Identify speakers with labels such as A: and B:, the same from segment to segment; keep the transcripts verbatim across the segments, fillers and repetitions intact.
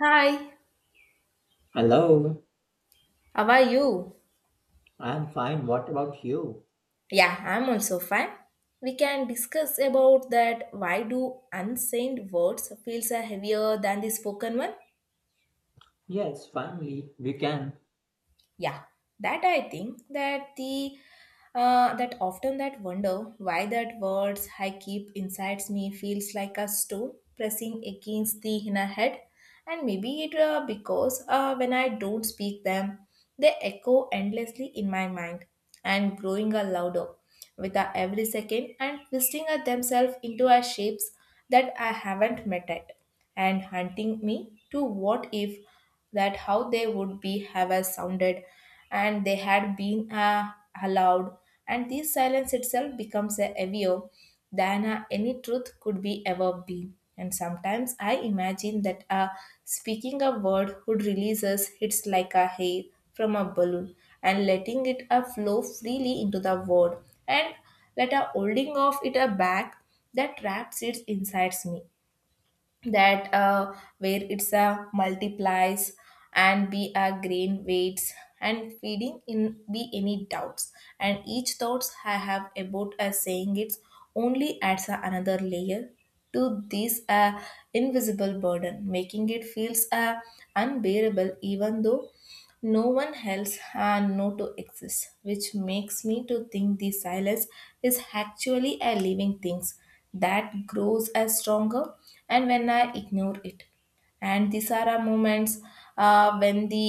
A: Hi,
B: Hello,
A: how are you?
B: I'm fine. What about you?
A: Yeah, I'm also fine. We can discuss about that why do unsaid words feels are heavier than the spoken one?
B: Yes, finally, we can.
A: Yeah, that I think that the uh, that often that wonder why that words I keep inside me feels like a stone pressing against the inner head and maybe it uh, because uh, when I don't speak them they echo endlessly in my mind and growing a louder. With a every second and twisting at themselves into a shapes that I haven't met yet, and hunting me to what if that how they would be have a sounded and they had been uh, allowed and this silence itself becomes a heavier than uh, any truth could be ever be. And sometimes I imagine that uh, speaking a word would release us it's like a hair from a balloon and letting it uh, flow freely into the world and let a holding of it a back that traps it inside me that uh, where it's a multiplies and be a grain weights and feeding in be any doubts and each thoughts I have about a saying it's only adds a another layer to this uh, invisible burden making it feels uh, unbearable even though no one else had no to exist, which makes me to think the silence is actually a living thing that grows as stronger and when I ignore it. And these are our moments uh, when the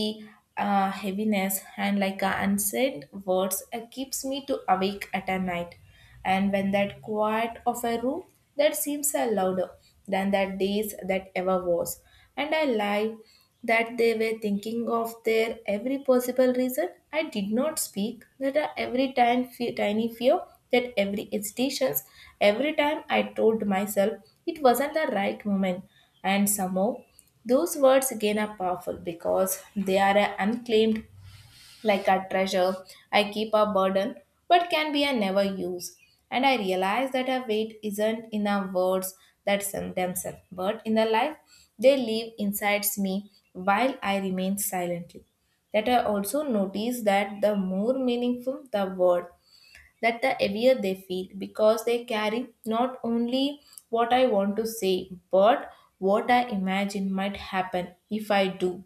A: uh, heaviness and like uh, unsaid words uh, keeps me to awake at a night and when that quiet of a room that seems uh, louder than that days that ever was. And I lie that they were thinking of their every possible reason. I did not speak that I- every time fe- tiny fear, that every hesitations, every time I told myself it wasn't the right moment, and somehow those words again are powerful because they are uh, unclaimed, like a treasure I keep a burden but can be a never use. And I realize that a weight isn't in the words that some themselves, but in the life they live inside me while I remain silently. That I also notice that the more meaningful the word, that the heavier they feel because they carry not only what I want to say but what I imagine might happen if I do.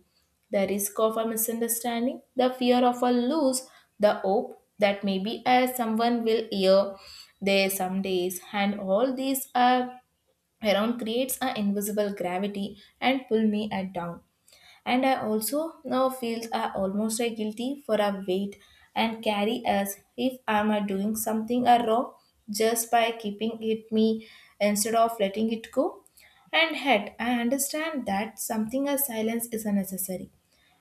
A: The risk of a misunderstanding, the fear of a lose, the hope that maybe uh, someone will hear there some days, and all these are around creates an invisible gravity and pull me at down. And I also now feel I almost a guilty for a weight and carry as if I'm a doing something a wrong just by keeping it me instead of letting it go. And head, I understand that something as silence is unnecessary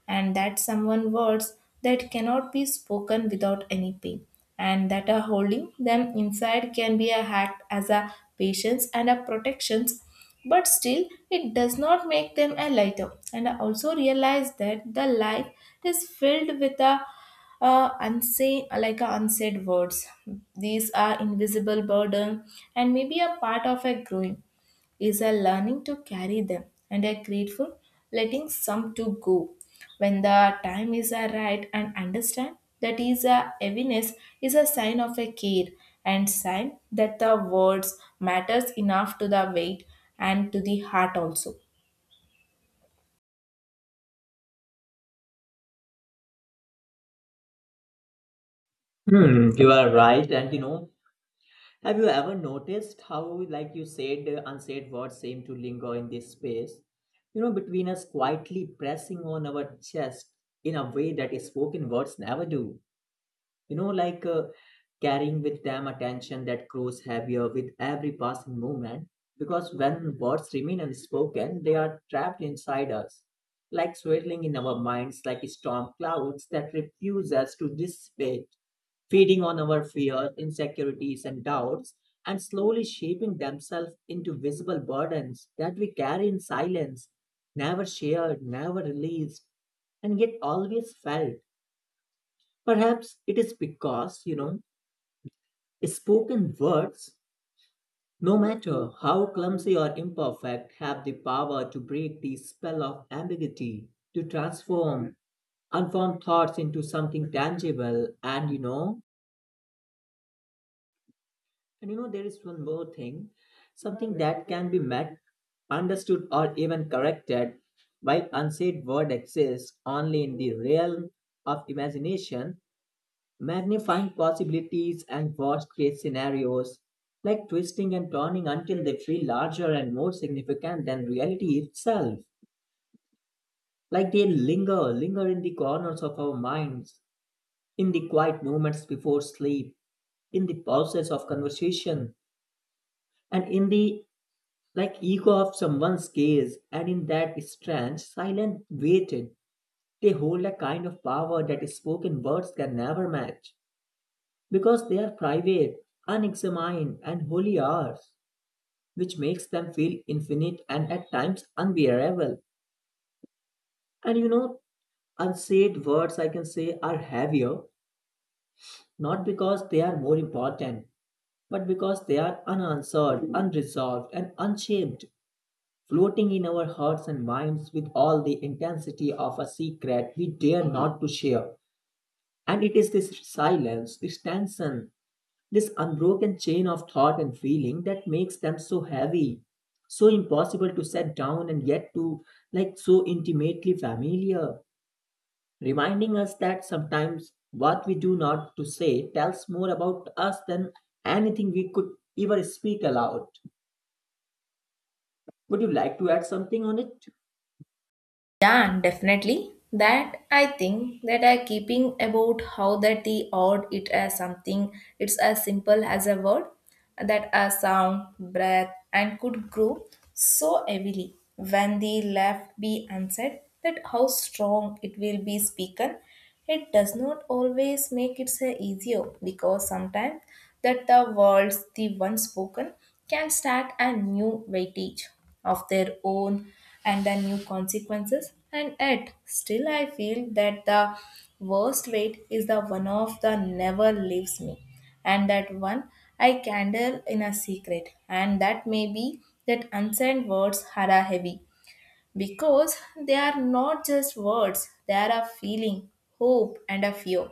A: and that someone words that cannot be spoken without any pain and that are holding them inside can be a act as a patience and a protections, but still it does not make them a lighter. And I also realize that the life is filled with a uh, unsay like a unsaid words, these are invisible burden, and maybe a part of a growing is a learning to carry them and a grateful letting some to go when the time is a right and understand that is a heaviness is a sign of a care and sign that the words matters enough to the weight and to the heart also.
B: Hmm, you are right. And you know, have you ever noticed how, like you said, uh, unsaid words seem to linger in this space? You know, between us quietly pressing on our chest in a way that spoken words never do. You know, like uh, carrying with them attention that grows heavier with every passing moment. Because when words remain unspoken, they are trapped inside us, like swirling in our minds, like storm clouds that refuse us to dissipate, feeding on our fears, insecurities, and doubts, and slowly shaping themselves into visible burdens that we carry in silence, never shared, never released, and yet always felt. Perhaps it is because, you know, spoken words, no matter how clumsy or imperfect, have the power to break the spell of ambiguity, to transform unformed thoughts into something tangible. And, you know, and you know, there is one more thing, something that can be met, understood, or even corrected, while unsaid word exists only in the realm of imagination, magnifying possibilities and worst case scenarios, like twisting and turning until they feel larger and more significant than reality itself. Like they linger, linger in the corners of our minds, in the quiet moments before sleep, in the pauses of conversation, and in the like echo of someone's gaze, and in that strange, silent waiting, they hold a kind of power that spoken words can never match. Because they are private, unexamined, and wholly ours, which makes them feel infinite and at times unbearable. And you know, unsaid words, I can say, are heavier, not because they are more important, but because they are unanswered, unresolved, and unshaped, floating in our hearts and minds with all the intensity of a secret we dare not to share. And it is this silence, this tension, this unbroken chain of thought and feeling that makes them so heavy, so impossible to set down, and yet to like so intimately familiar, reminding us that sometimes what we do not to say tells more about us than anything we could ever speak aloud. Would you like to add something on it?
A: Yeah, definitely. That I think that I keeping about how that the odd it as something, it's as simple as a word that a sound, breath and could grow so heavily when the left be answered that how strong it will be spoken. It does not always make it so easier because sometimes that the words the once spoken can start a new weightage of their own and the new consequences, and yet still I feel that the worst weight is the one of the never leaves me, and that one I candle in a secret. And that may be that unsaid words are a heavy because they are not just words, they are a feeling, hope and a fear,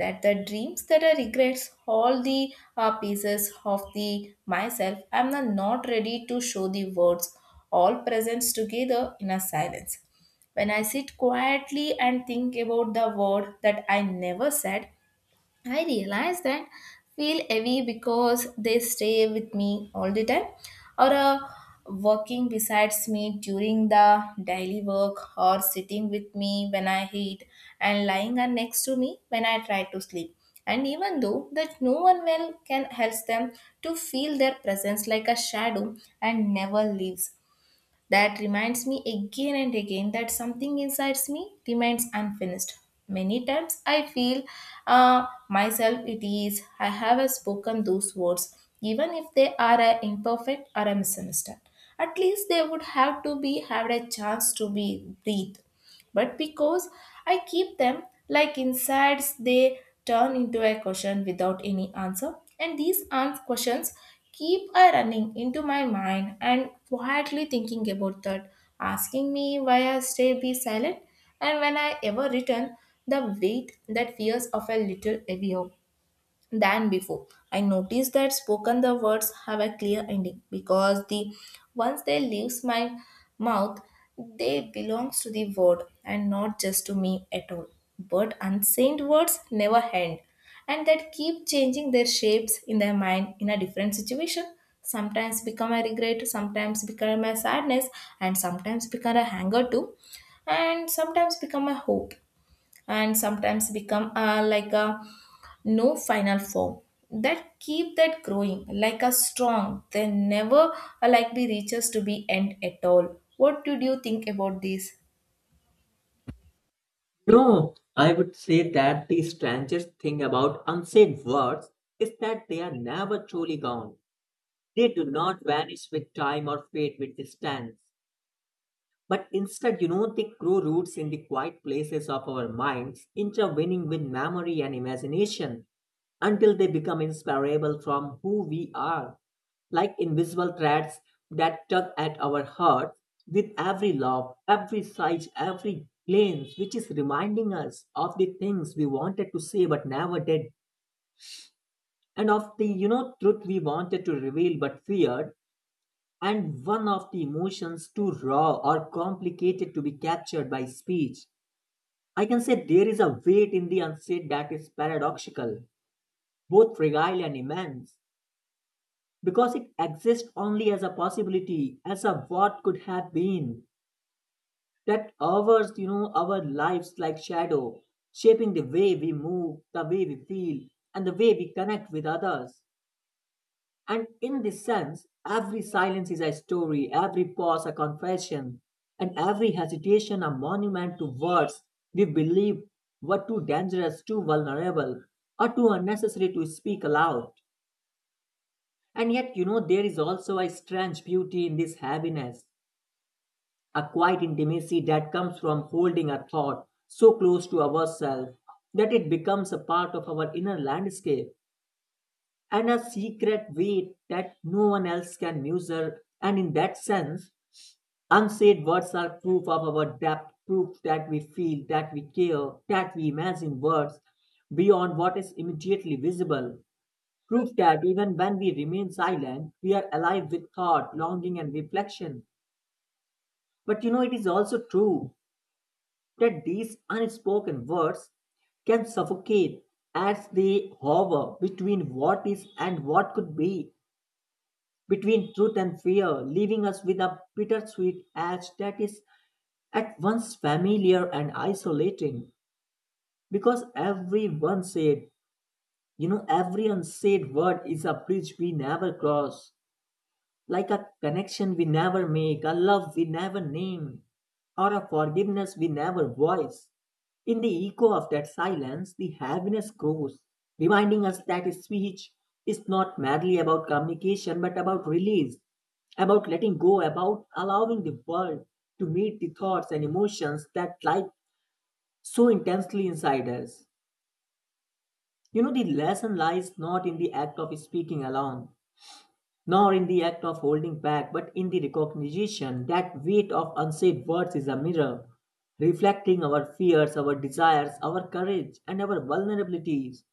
A: that the dreams that I regrets all the uh, pieces of the myself I'm not not ready to show the words, all presents together in a silence. When I sit quietly and think about the word that I never said, I realize that feel heavy because they stay with me all the time, or uh, working besides me during the daily work, or sitting with me when I eat, and lying are next to me when I try to sleep. And even though that no one well can help them to feel their presence like a shadow and never leaves. That reminds me again and again that something inside me remains unfinished. Many times I feel uh, myself it is I have spoken those words, even if they are uh, imperfect or a misunderstood. At least they would have to be had a chance to be breathed, but because I keep them like insides, they turn into a question without any answer. And these ans- questions keep a running into my mind and quietly thinking about that, asking me why I stay be silent. And when I ever return, the weight that fears of a little heavier than before. I noticed that spoken the words have a clear ending because the once they leaves my mouth, they belongs to the word and not just to me at all. But unsaid words never end, and that keep changing their shapes in their mind in a different situation. Sometimes become a regret, sometimes become a sadness, and sometimes become a anger too, and sometimes become a hope, and sometimes become a, like a no final form that keep that growing like a strong they never are likely reaches to be end at all. What did you think about this?
B: No, I would say that the strangest thing about unsaid words is that they are never truly gone. They do not vanish with time or fade with distance. But instead, you know, they grow roots in the quiet places of our minds, intervening with memory and imagination until they become inseparable from who we are, like invisible threads that tug at our hearts with every love, every sigh, every glance, which is reminding us of the things we wanted to say but never did, and of the you know truth we wanted to reveal but feared, and one of the emotions too raw or complicated to be captured by speech. I can say there is a weight in the unsaid that is paradoxical, both fragile and immense, because it exists only as a possibility, as a what could have been, that hours, you know, our lives like shadow, shaping the way we move, the way we feel, and the way we connect with others. And in this sense, every silence is a story, every pause a confession, and every hesitation a monument to words we believe were too dangerous, too vulnerable, or too unnecessary to speak aloud. And yet, you know, there is also a strange beauty in this heaviness, a quiet intimacy that comes from holding a thought so close to ourselves that it becomes a part of our inner landscape and a secret weight that no one else can measure. And in that sense, unsaid words are proof of our depth, proof that we feel, that we care, that we imagine words beyond what is immediately visible, proof that even when we remain silent, we are alive with thought, longing, and reflection. But you know, it is also true that these unspoken words can suffocate as they hover between what is and what could be, between truth and fear, leaving us with a bittersweet edge that is at once familiar and isolating. Because every one said, you know, every unsaid word is a bridge we never cross, like a connection we never make, a love we never name, or a forgiveness we never voice. In the echo of that silence, the heaviness grows, reminding us that speech is not merely about communication but about release, about letting go, about allowing the world to meet the thoughts and emotions that lie so intensely inside us. You know, the lesson lies not in the act of speaking alone, nor in the act of holding back, but in the recognition that weight of unsaid words is a mirror, reflecting our fears, our desires, our courage, and our vulnerabilities,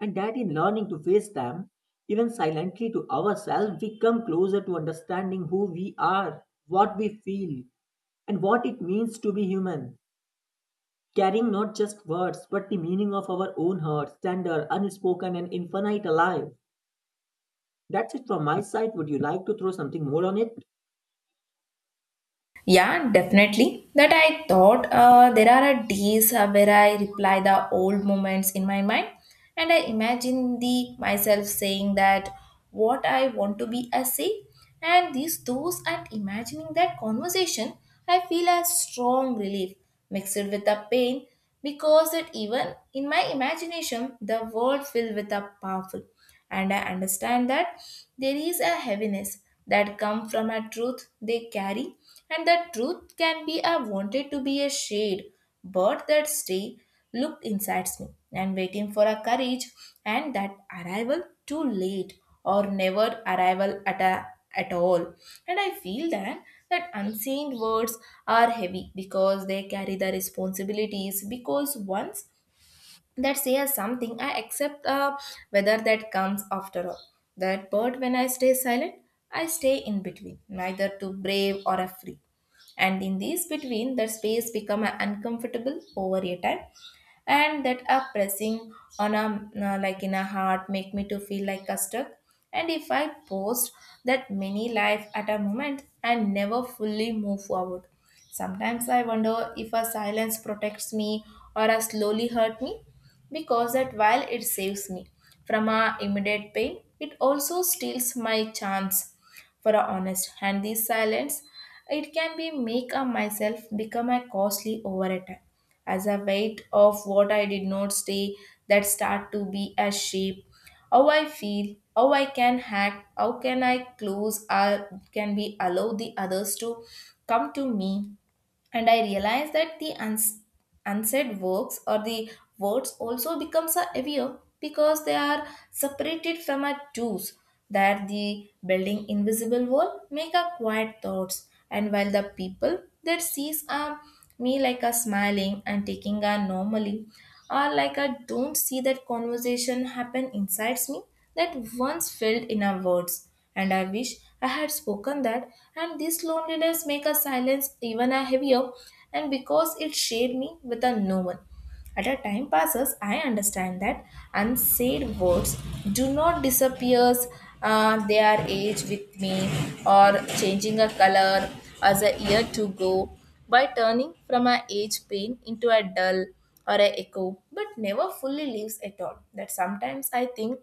B: and that in learning to face them, even silently to ourselves, we come closer to understanding who we are, what we feel, and what it means to be human. Carrying not just words, but the meaning of our own hearts, tender, unspoken, and infinite alive. That's it from my side. Would you like to throw something more on it?
A: Yeah, definitely. That I thought uh, there are days uh, where I reply the old moments in my mind, and I imagine the myself saying that what I want to be I say, and these those and imagining that conversation, I feel a strong relief mixed with a pain because that even in my imagination the world filled with a powerful. And I understand that there is a heaviness that comes from a truth they carry, and that truth can be a wanted to be a shade, but that stay looked inside me and waiting for a courage, and that arrival too late or never arrival at a at all. And I feel that that unseen words are heavy because they carry the responsibilities, because once that says something I accept uh, whether that comes after all that. But when I stay silent, I stay in between neither too brave or afraid, and in this between that space become uh, uncomfortable over a time and that are pressing on a uh, like in a heart make me to feel like a stuck. And if I post that many life at a moment and never fully move forward, sometimes I wonder if a silence protects me or a slowly hurt me, because that while it saves me from a immediate pain it also steals my chance for a honest. And this silence it can be make a myself become a costly over a time, as a weight of what I did not say that start to be a shape. How I feel, how I can hack, how can I close or can we allow the others to come to me. And I realized that the uns- unsaid works or the words also becomes a heavier because they are separated from our tools, that the building invisible wall make a quiet thoughts, and while the people that sees a me like a smiling and taking a normally, or like I don't see that conversation happen inside me that once filled in our words. And I wish I had spoken that, and this loneliness make a silence even a heavier, and because it shared me with a no one. As a time passes, I understand that unsaid words do not disappear. Uh, they are age with me or changing a color as a year to go by, turning from a age pain into a dull or a echo, but never fully leaves at all. That sometimes I think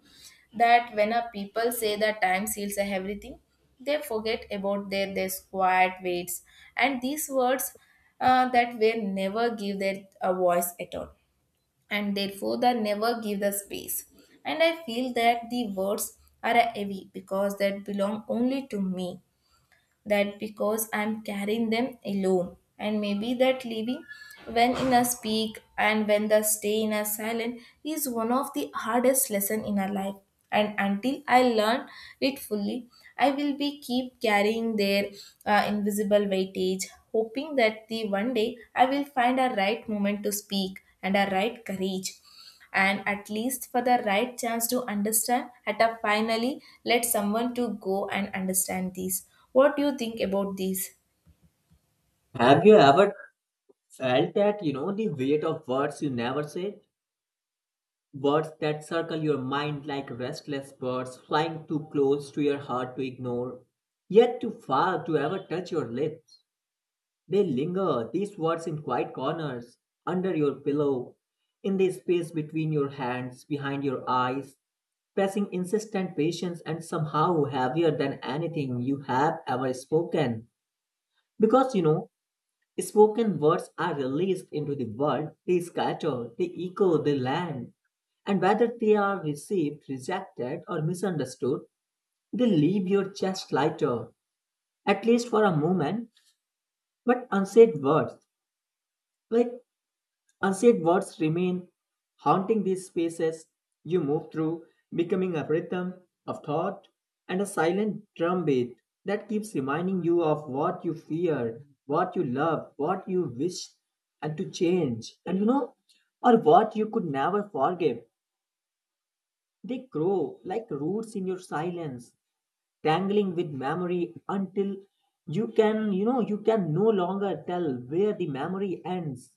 A: that when a people say that time seals everything, they forget about their, their quiet weights and these words uh, that will never give their a voice at all, and therefore they never give the space. And I feel that the words are heavy because that belong only to me, that because I'm carrying them alone. And maybe that living when in a speak and when the stay in a silent is one of the hardest lesson in our life. And until I learn it fully, I will be keep carrying their uh, invisible weightage, hoping that the one day I will find a right moment to speak and a right courage and at least for the right chance to understand at a finally let someone to go and understand these. What do you think about these?
B: Have you ever felt that, you know, the weight of words you never say, words that circle your mind like restless birds flying too close to your heart to ignore, yet too far to ever touch your lips. They linger, these words in quiet corners, under your pillow, in the space between your hands, behind your eyes, pressing insistent patience and somehow heavier than anything you have ever spoken. Because, you know, spoken words are released into the world, they scatter, they echo, they land. And whether they are received, rejected, or misunderstood, they leave your chest lighter, at least for a moment. But unsaid words, like, unsaid words remain, haunting these spaces you move through, becoming a rhythm of thought and a silent drumbeat that keeps reminding you of what you feared, what you loved, what you wished, and to change, and you know, or what you could never forgive. They grow like roots in your silence, tangling with memory until you can, you know, you can no longer tell where the memory ends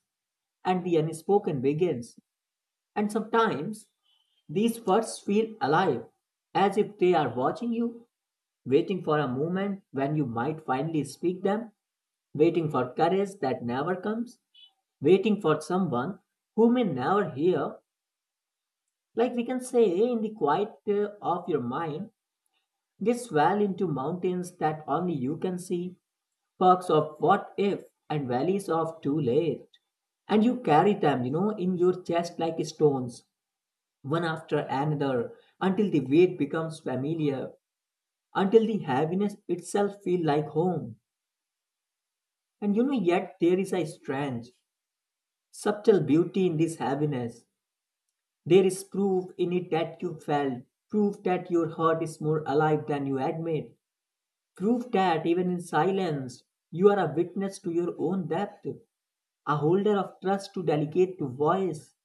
B: and the unspoken begins. And sometimes these words feel alive, as if they are watching you, waiting for a moment when you might finally speak them, waiting for courage that never comes, waiting for someone who may never hear. Like we can say, in the quiet uh, of your mind, they swell into mountains that only you can see, perks of what if and valleys of too late. And you carry them, you know, in your chest like stones, one after another until the weight becomes familiar, until the heaviness itself feels like home. And you know, yet there is a strange, subtle beauty in this heaviness. There is proof in it that you felt, proof that your heart is more alive than you admit, proof that even in silence, you are a witness to your own depth, a holder of trust to delicate to voice,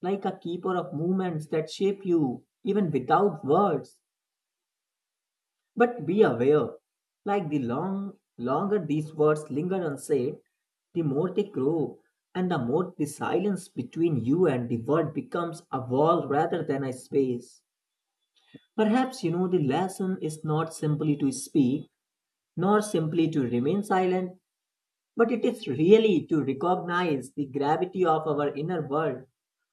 B: like a keeper of movements that shape you even without words. But be aware, like the long longer these words linger unsaid, the more they grow, and the more the silence between you and the world becomes a wall rather than a space. Perhaps you know the lesson is not simply to speak, nor simply to remain silent, but it is really to recognize the gravity of our inner world,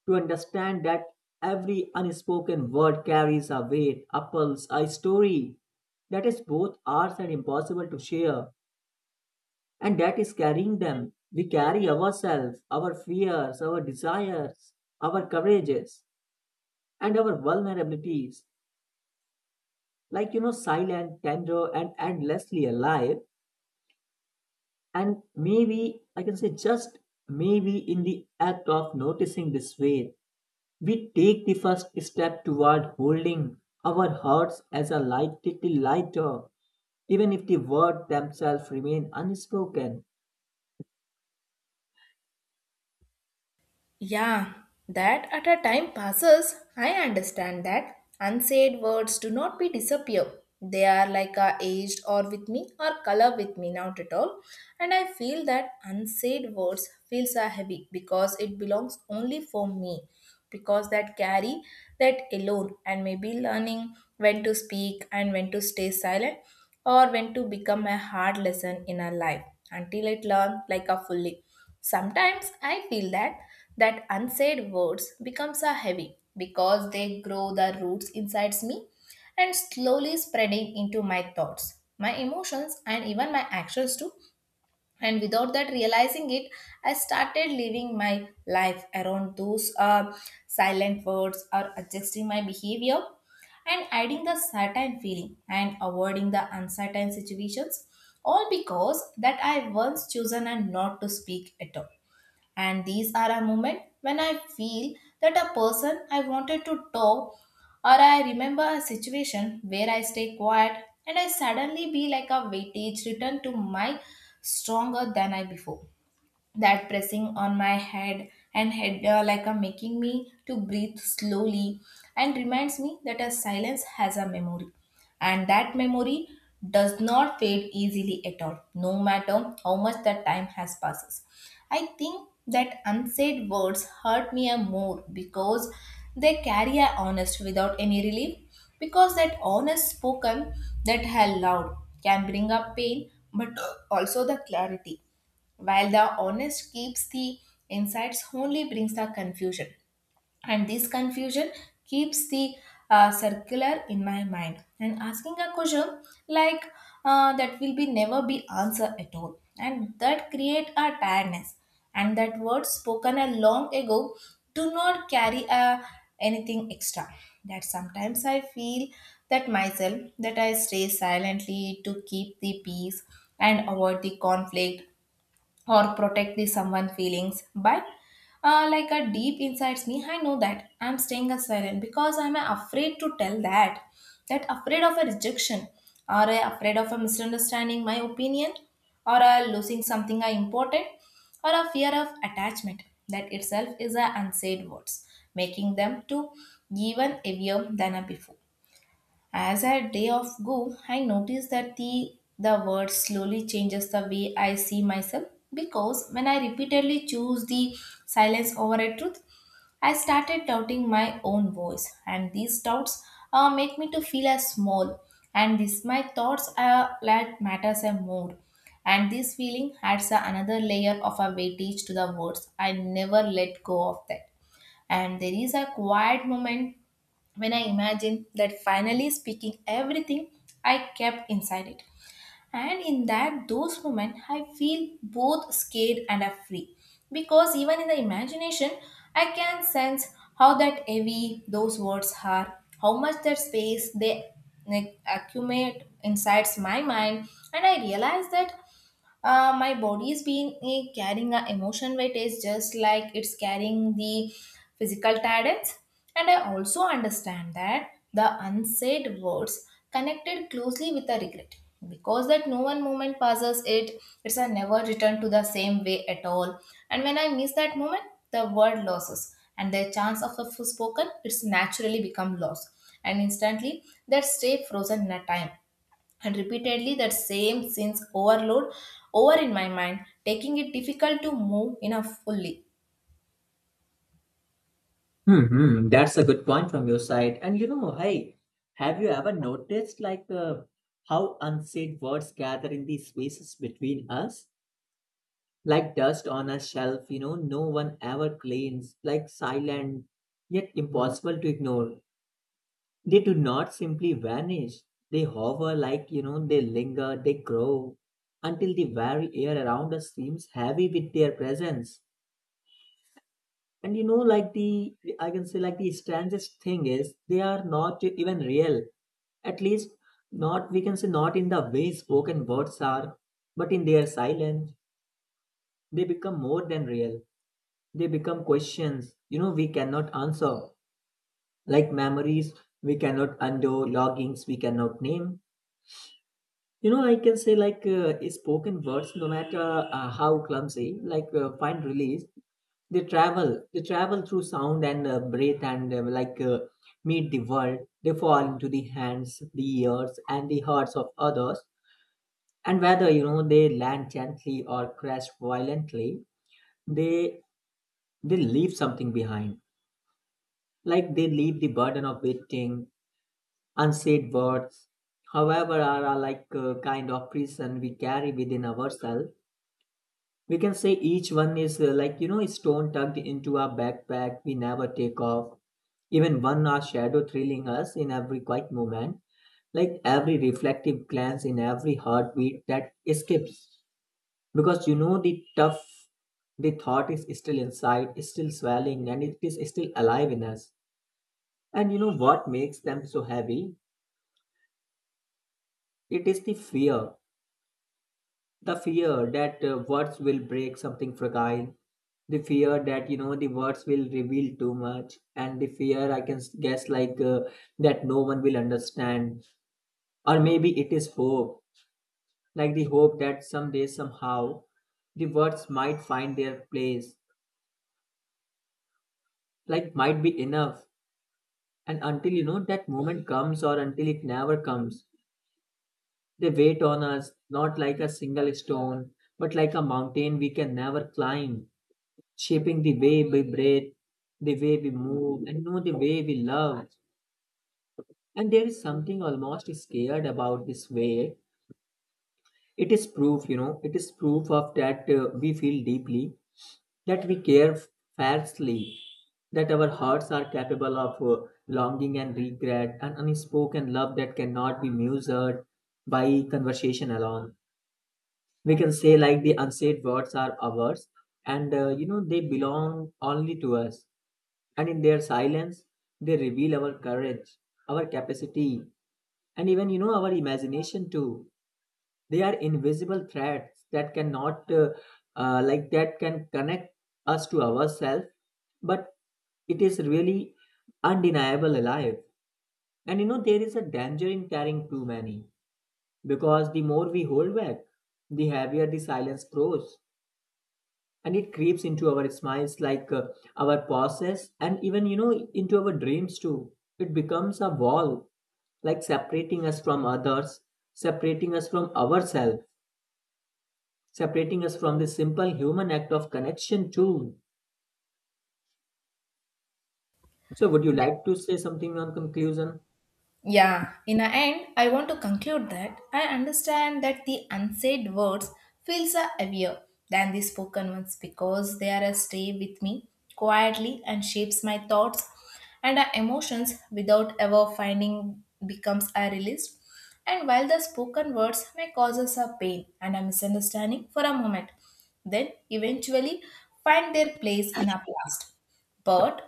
B: to understand that every unspoken word carries a weight, a pulse, a story that is both ours and impossible to share, and that is carrying them. We carry ourselves, our fears, our desires, our courages, and our vulnerabilities, like you know, silent, tender, and endlessly alive. And maybe, I can say just maybe, in the act of noticing this way, we take the first step toward holding our hearts as a light, little lighter, even if the words themselves remain unspoken.
A: Yeah, that at a time passes, I understand that. Unsaid words do not be disappear. They are like a aged or with me or color with me not at all. And I feel that unsaid words feels are heavy because it belongs only for me. Because that carry that alone, and maybe learning when to speak and when to stay silent or when to become a hard lesson in our life until it learn like a fully. Sometimes I feel that that unsaid words becomes a heavy because they grow the roots inside me and slowly spreading into my thoughts, my emotions, and even my actions too, and without that realizing it, I started living my life around those uh, silent words, or adjusting my behavior and adding the certain feeling and avoiding the uncertain situations, all because that I once chosen and not to speak at all. And these are a moment when I feel that a person I wanted to talk, or I remember a situation where I stay quiet, and I suddenly be like a weightage returned to my stronger than I before, that pressing on my head and head uh, like a making me to breathe slowly, and reminds me that a silence has a memory, and that memory does not fade easily at all, no matter how much the time has passes. I think that unsaid words hurt me a more because they carry a honest without any relief, because that honest spoken, that hell loud, can bring up pain but also the clarity, while the honest keeps the insights only brings the confusion. And this confusion keeps the uh, circular in my mind and asking a question like uh, that will be never be answer at all, and that create a tiredness, and that words spoken a long ago do not carry a anything extra. That sometimes I feel that myself, that I stay silently to keep the peace and avoid the conflict or protect the someone feelings, but uh, like a deep inside me I know that I'm staying a silent because I'm afraid to tell that, that afraid of a rejection, or uh, afraid of a misunderstanding my opinion, or uh, losing something uh, important, or a fear of attachment. That itself is a unsaid words, making them to even heavier than a before. As our day off go, I notice that the the word slowly changes the way I see myself, because when I repeatedly choose the silence over a truth, I started doubting my own voice, and these doubts uh, make me to feel as small, and this my thoughts are that matters a more, and this feeling adds a another layer of a weightage to the words I never let go of that. And there is a quiet moment when I imagined that finally speaking everything I kept inside it. And in that those moments I feel both scared and are free. Because even in the imagination I can sense how that heavy those words are, how much that space they, like, accumulate inside my mind. And I realize that uh, my body is being eh, carrying a emotion weight is just like it's carrying the physical tiredness. And I also understand that the unsaid words connected closely with a regret, because that no one moment passes it, it's a never return to the same way at all. And when I miss that moment, the word losses and the chance of the spoken it's naturally become lost, and instantly that stay frozen in a time, and repeatedly that same sense overload over in my mind, taking it difficult to move enough fully.
B: Hmm, that's a good point from your side. And you know, hey, have you ever noticed like uh, how unsaid words gather in the spaces between us? Like dust on a shelf, you know, no one ever cleans, like silent, yet impossible to ignore. They do not simply vanish. They hover like, you know, they linger, they grow until the very air around us seems heavy with their presence. And you know, like the, I can say, like the strangest thing is they are not even real. At least, not, we can say, not in the way spoken words are, but in their silence, they become more than real. They become questions, you know, we cannot answer. Like memories, we cannot undo, logins, we cannot name. You know, I can say like uh, spoken words, no matter uh, how clumsy, like uh, find release. They travel, they travel through sound and uh, breath and uh, like uh, meet the world. They fall into the hands, the ears, and the hearts of others. And whether, you know, they land gently or crash violently, they they leave something behind, like they leave the burden of waiting, unsaid words, however, are a, like a kind of prison we carry within ourselves. We can say each one is uh, like you know a stone tucked into our backpack we never take off. Even one our shadow thrilling us in every quiet moment, like every reflective glance in every heartbeat that escapes. Because you know the tough the thought is still inside, is still swelling, and it is still alive in us. And you know what makes them so heavy? It is the fear. The fear that uh, words will break something fragile. The fear that, you know, the words will reveal too much. And the fear, I can s- guess, like uh, that no one will understand. Or maybe it is hope. Like the hope that someday, somehow, the words might find their place. Like, might be enough. And until, you know, that moment comes or until it never comes, they wait on us, not like a single stone, but like a mountain we can never climb, shaping the way we breathe, the way we move, and know the way we love. And there is something almost scared about this way. It is proof, you know, it is proof of that uh, we feel deeply, that we care fiercely, that our hearts are capable of uh, longing and regret and unspoken love that cannot be measured by conversation alone. We can say like the unsaid words are ours, and uh, you know they belong only to us, and in their silence they reveal our courage, our capacity, and even you know our imagination too. They are invisible threads that cannot uh, uh, like that can connect us to ourselves, but it is really undeniable alive. And you know there is a danger in carrying too many, because the more we hold back, the heavier the silence grows, and it creeps into our smiles like uh, our pauses and even you know into our dreams too. It becomes a wall, like separating us from others, separating us from ourselves, separating us from the simple human act of connection too. So would you
A: Yeah.
B: like to say something on conclusion?
A: Yeah, in the end, I want to conclude that I understand that the unsaid words feels are heavier than the spoken ones because they are a stay with me quietly and shapes my thoughts and our emotions without ever finding becomes a release. And while the spoken words may cause us a pain and a misunderstanding for a moment, then eventually find their place in our past. But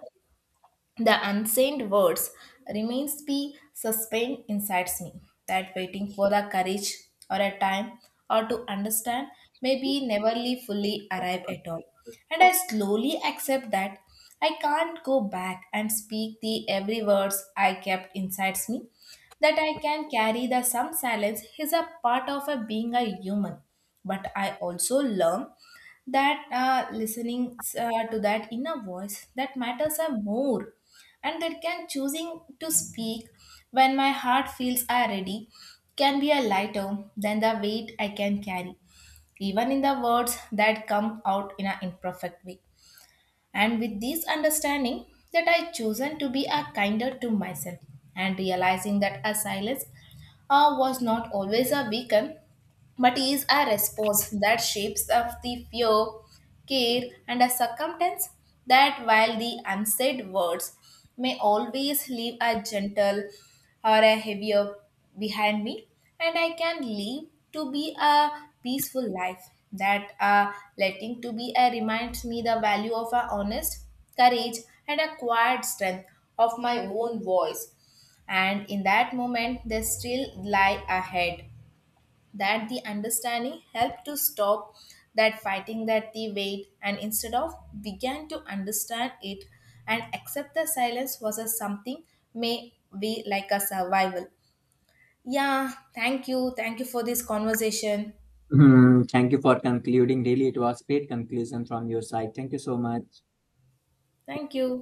A: the unsaid words remains be suspend inside me, that waiting for the courage or a time or to understand maybe never fully arrive at all. And I slowly accept that I can't go back and speak the every words I kept inside me. That I can carry the some silence is a part of a being a human. But I also learn that uh, listening uh, to that inner voice that matters are more, and that can choosing to speak when my heart feels I ready can be a lighter than the weight I can carry, even in the words that come out in an imperfect way. And with this understanding that I chosen to be a kinder to myself, and realizing that a silence uh, was not always a weaken but is a response that shapes of the fear, care, and a circumstance. That while the unsaid words may always leave a gentle or a heavier behind me, and I can live to be a peaceful life. That uh, letting to be a reminds me the value of a honest courage and a quiet strength of my own voice, and in that moment, they still lie ahead, that the understanding helped to stop that fighting that the weight, and instead of began to understand it and accept the silence was a something may be like a survival. Yeah, thank you. Thank you for this conversation.
B: Hmm, thank you for concluding, really it was great conclusion from your side, thank you so much.
A: Thank you.